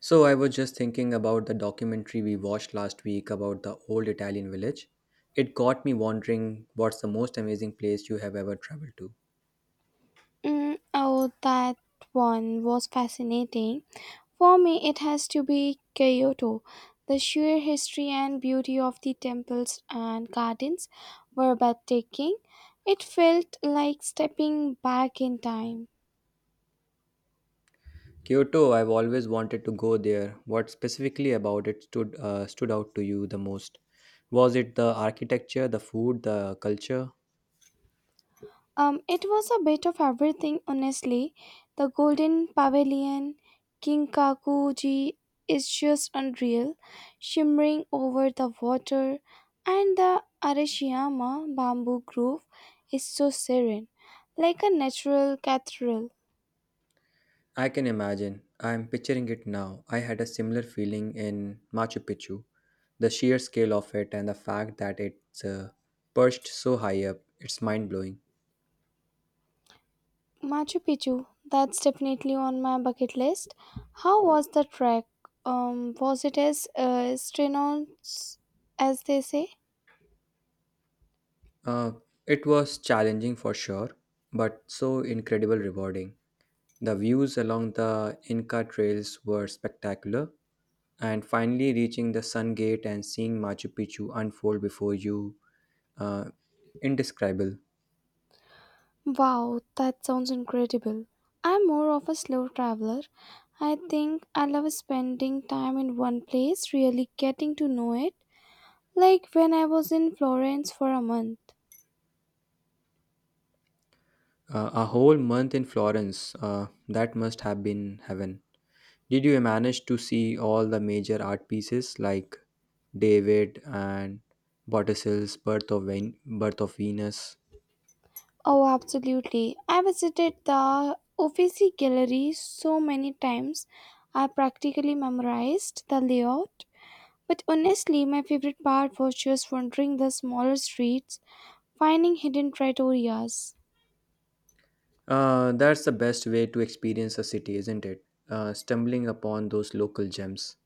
So I was just thinking about the documentary we watched last week about the old Italian village. It got me wondering, what's the most amazing place you have ever traveled to? Oh, that one was fascinating. For me, it has to be Kyoto. The sheer history and beauty of the temples and gardens were breathtaking. It felt like stepping back in time. Kyoto, I've always wanted to go there. What specifically about it stood out to you the most? Was it the architecture, the food, the culture? It was a bit of everything, honestly. The Golden Pavilion, King Kakuji is just unreal, shimmering over the water, and the Arashiyama bamboo grove is so serene, like a natural cathedral. I can imagine. I'm picturing it now. I had a similar feeling in Machu Picchu. The sheer scale of it and the fact that it's perched so high up, it's mind blowing. Machu Picchu, that's definitely on my bucket list. How was the trek? Was it as strenuous as they say? Uh, it was challenging for sure, but so incredibly rewarding. The views along the Inca trails were spectacular, and finally reaching the Sun Gate and seeing Machu Picchu unfold before you, uh, indescribable. Wow, that sounds incredible. I'm more of a slow traveler. I think I love spending time in one place, really getting to know it, like when I was in Florence for a month. A whole month in Florence, that must have been heaven. Did you manage to see all the major art pieces like David and Botticelli's Birth of Venus? Oh, absolutely. I visited the Uffizi Gallery so many times, I practically memorized the layout. But honestly, my favorite part was just wandering the smaller streets, finding hidden trattorias. That's the best way to experience a city, isn't it? Stumbling upon those local gems.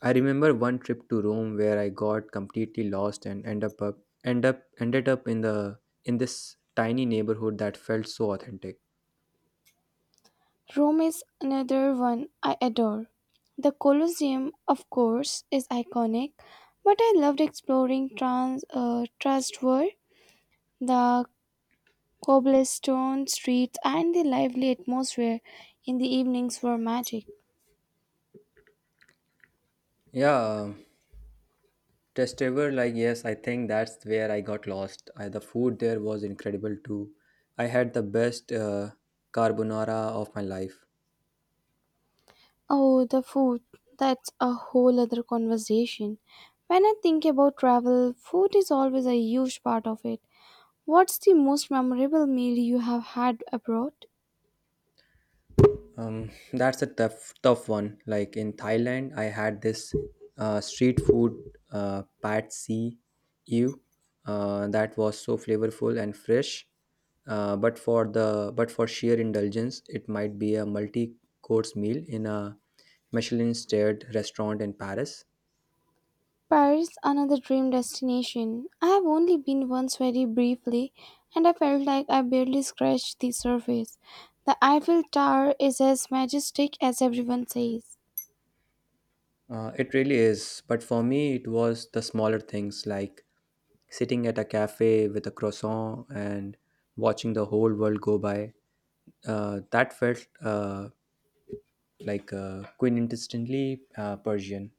I remember one trip to Rome where I got completely lost and end up, up end up ended up in this tiny neighborhood that felt so authentic. Rome is another one I adore. The Colosseum, of course, is iconic, but I loved exploring Trastevere, the cobblestone streets, and the lively atmosphere in the evenings were magic. Yeah, Trastevere, like yes, I think that's where I got lost. I, the food there was incredible too. I had the best carbonara of my life. Oh, the food. That's a whole other conversation. When I think about travel, food is always a huge part of it. What's the most memorable meal you have had abroad? That's a tough one. Like in Thailand, I had this street food pad see ew that was so flavorful and fresh. But for sheer indulgence, it might be a multi-course meal in a Michelin-starred restaurant in Paris. Paris, another dream destination. I have only been once very briefly, and I felt like I barely scratched the surface. The Eiffel Tower is as majestic as everyone says. It really is. But for me, it was the smaller things like sitting at a cafe with a croissant and watching the whole world go by that felt quintessentially Persian.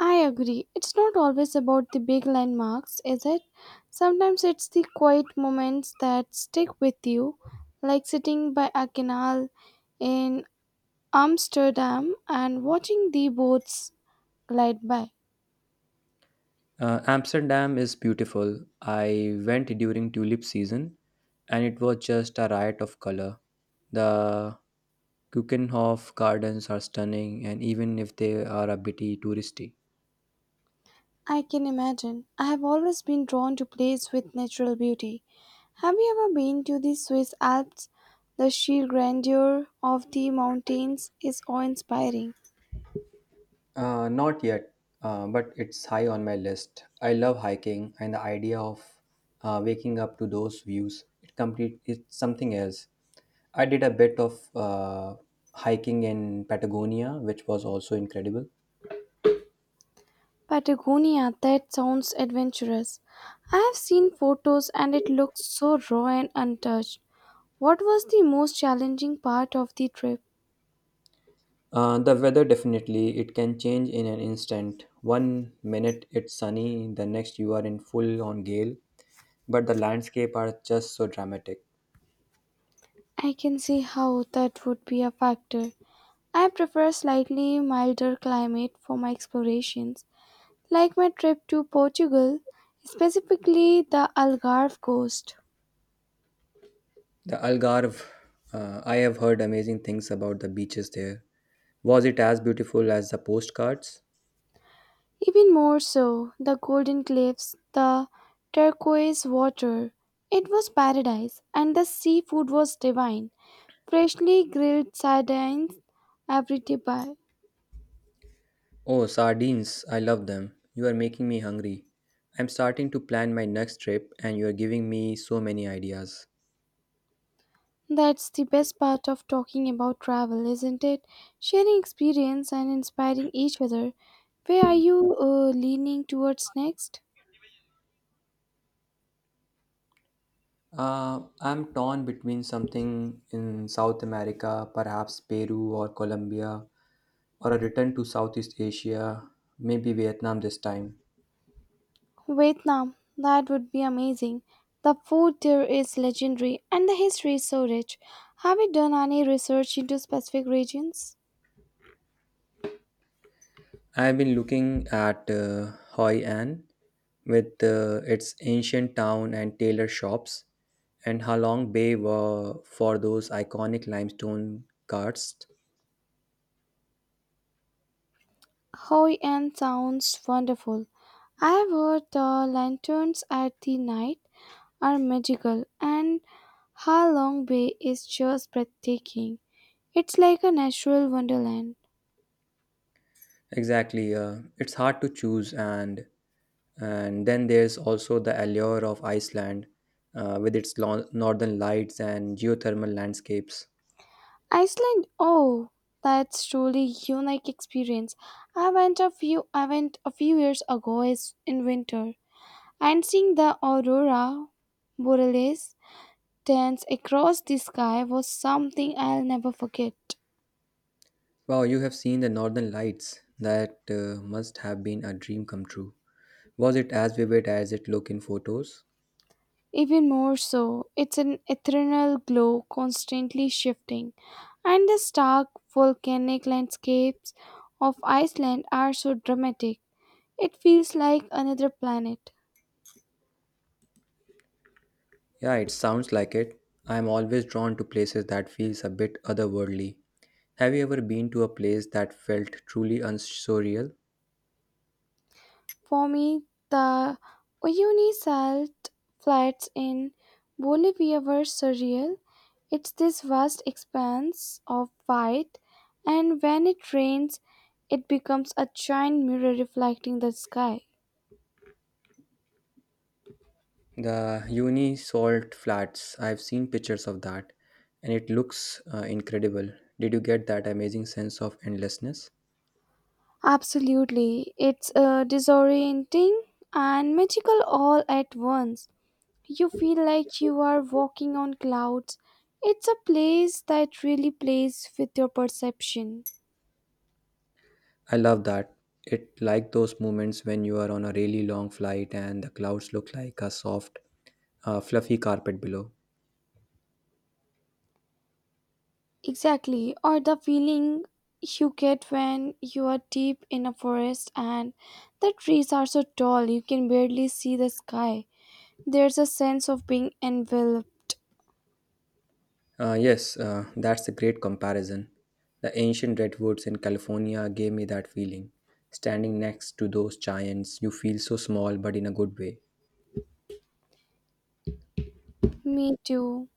I agree. It's not always about the big landmarks, is it? Sometimes it's the quiet moments that stick with you, like sitting by a canal in Amsterdam and watching the boats glide by. Amsterdam is beautiful. I went during tulip season and it was just a riot of color. The Kukenhof gardens are stunning, and even if they are a bit touristy. I can imagine. I have always been drawn to places with natural beauty. Have you ever been to the Swiss Alps? The sheer grandeur of the mountains is awe inspiring. Not yet, but it's high on my list. I love hiking, and the idea of waking up to those views, it's something else. I did a bit of hiking in Patagonia, which was also incredible. Patagonia, that sounds adventurous. I have seen photos and it looks so raw and untouched. What was the most challenging part of the trip? The weather definitely, it can change in an instant. One minute it's sunny, the next you are in full on gale. But the landscape are just so dramatic. I can see how that would be a factor. I prefer slightly milder climate for my explorations, like my trip to Portugal, specifically the Algarve coast. The Algarve, I have heard amazing things about the beaches there. Was it as beautiful as the postcards? Even more so, the golden cliffs, the turquoise water. It was paradise, and the seafood was divine. Freshly grilled sardines every day. Oh, sardines, I love them. You are making me hungry. I'm starting to plan my next trip, and you are giving me so many ideas. That's the best part of talking about travel, isn't it? Sharing experience and inspiring each other. Where are you leaning towards next? I'm torn between something in South America, perhaps Peru or Colombia, or a return to Southeast Asia, maybe Vietnam this time. Vietnam, that would be amazing. The food there is legendary and the history is so rich. Have you done any research into specific regions? I've been looking at Hoi An with its ancient town and tailor shops, and Halong Bay were for those iconic limestone carts. Hoi An sounds wonderful. I have heard the lanterns at the night are magical, and Ha Long Bay is just breathtaking. It's like a natural wonderland. Exactly, it's hard to choose, and then there's also the allure of Iceland with its northern lights and geothermal landscapes. Iceland, oh, that's truly unique experience. I went a few years ago is in winter and seeing the aurora borealis dance across the sky was something I'll never forget. Wow, you have seen the northern lights. That must have been a dream come true. Was it as vivid as it looked in photos? Even more so, it's an ethereal glow constantly shifting, and the stark volcanic landscapes of Iceland are so dramatic. It feels like another planet. Yeah, it sounds like it. I'm always drawn to places that feels a bit otherworldly. Have you ever been to a place that felt truly unsurial? For me, the Unisalt flats in Bolivia were surreal. It's this vast expanse of white, and when it rains, it becomes a giant mirror reflecting the sky. The uni salt flats, I've seen pictures of that and it looks incredible. Did you get that amazing sense of endlessness? Absolutely, it's disorienting and magical all at once. You feel like you are walking on clouds. It's a place that really plays with your perception. I love that. It like those moments when you are on a really long flight and the clouds look like a soft, fluffy carpet below. Exactly, or the feeling you get when you are deep in a forest and the trees are so tall you can barely see the sky. There's a sense of being enveloped. Yes, that's a great comparison. The ancient redwoods in California gave me that feeling. Standing next to those giants, you feel so small but in a good way. Me too.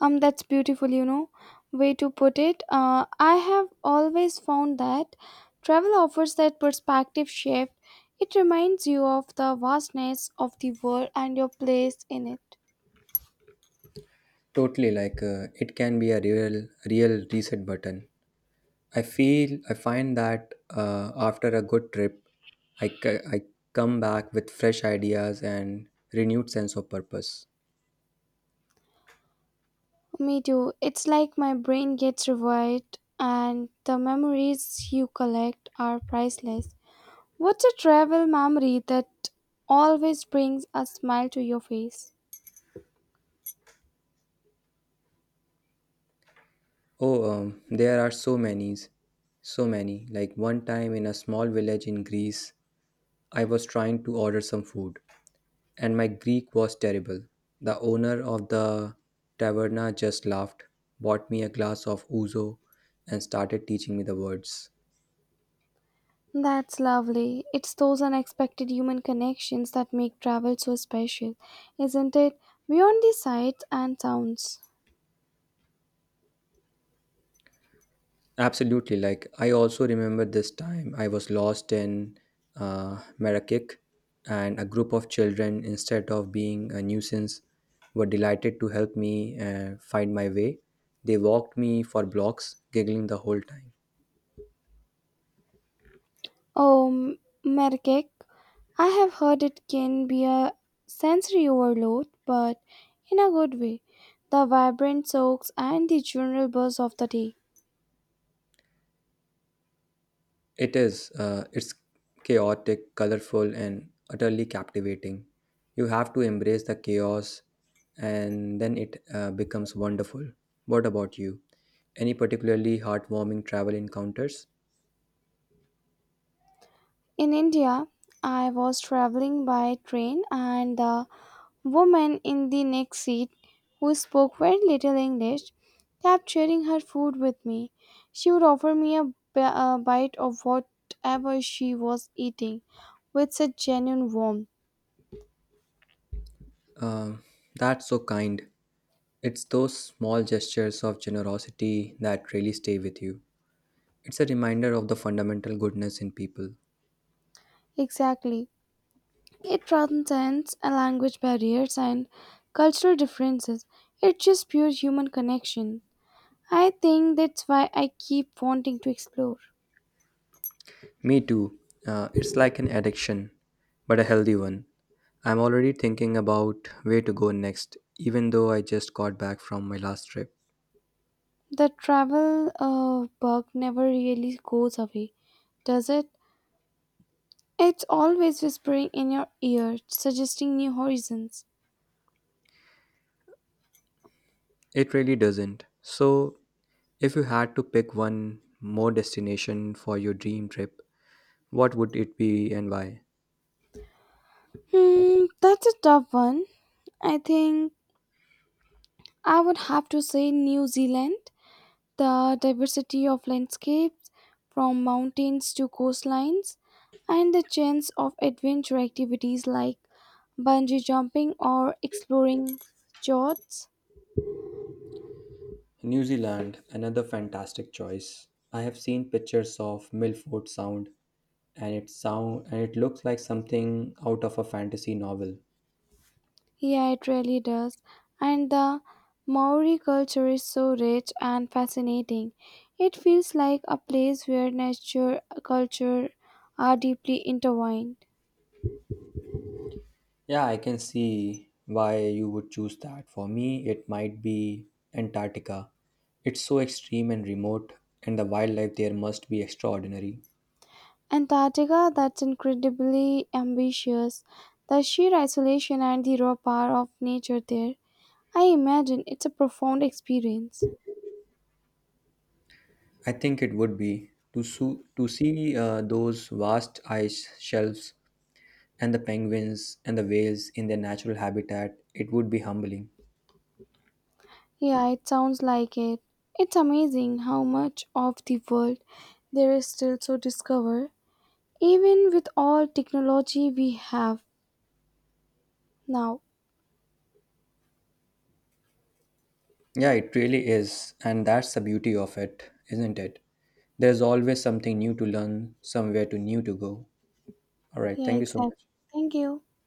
That's beautiful, way to put it. I have always found that travel offers that perspective shift. It reminds you of the vastness of the world and your place in it. Totally, like it can be a real reset button. I find that after a good trip, I come back with fresh ideas and renewed sense of purpose. Me too. It's like my brain gets revived, and the memories you collect are priceless. What's a travel memory that always brings a smile to your face? Oh, there are so many. Like one time in a small village in Greece, I was trying to order some food, and my Greek was terrible. The owner of the taverna just laughed, bought me a glass of ouzo, and started teaching me the words. That's lovely. It's those unexpected human connections that make travel so special, isn't it? Beyond the sights and sounds. Absolutely. Like, I also remember this time I was lost in Marrakech, and a group of children, instead of being a nuisance, were delighted to help me find my way. They walked me for blocks, giggling the whole time. Oh, Merkek, I have heard it can be a sensory overload, but in a good way. The vibrant soaks and the general buzz of the day. It is, it's chaotic, colorful, and utterly captivating. You have to embrace the chaos, and then it becomes wonderful. What about you? Any particularly heartwarming travel encounters? In India, I was traveling by train, and the woman in the next seat, who spoke very little English, kept sharing her food with me. She would offer me a bite of whatever she was eating with such genuine warmth. Um, that's so kind. It's those small gestures of generosity that really stay with you. It's a reminder of the fundamental goodness in people. Exactly. It transcends language barriers and cultural differences. It's just pure human connection. I think that's why I keep wanting to explore. Me too. It's like an addiction, but a healthy one. I'm already thinking about where to go next, even though I just got back from my last trip. The travel bug never really goes away, does it? It's always whispering in your ear, suggesting new horizons. It really doesn't. So, if you had to pick one more destination for your dream trip, what would it be and why? Hmm, that's a tough one. I think I would have to say New Zealand, the diversity of landscapes from mountains to coastlines, and the chance of adventure activities like bungee jumping or exploring yachts. New Zealand, another fantastic choice. I have seen pictures of Milford Sound and it looks like something out of a fantasy novel. Yeah, it really does. And the Maori culture is so rich and fascinating. It feels like a place where nature and culture are deeply intertwined. Yeah, I can see why you would choose that. For me, it might be Antarctica. It's so extreme and remote and the wildlife there must be extraordinary. Antarctica, that's incredibly ambitious. The sheer isolation and the raw power of nature there. I imagine it's a profound experience. I think it would be to see those vast ice shelves and the penguins and the whales in their natural habitat, it would be humbling. Yeah, it sounds like it. It's amazing how much of the world there is still to discover, even with all technology we have now. Yeah, it really is. And that's the beauty of it, isn't it? There's always something new to learn, somewhere to new to go. All right. Yeah, Thank you so exactly. much. Thank you.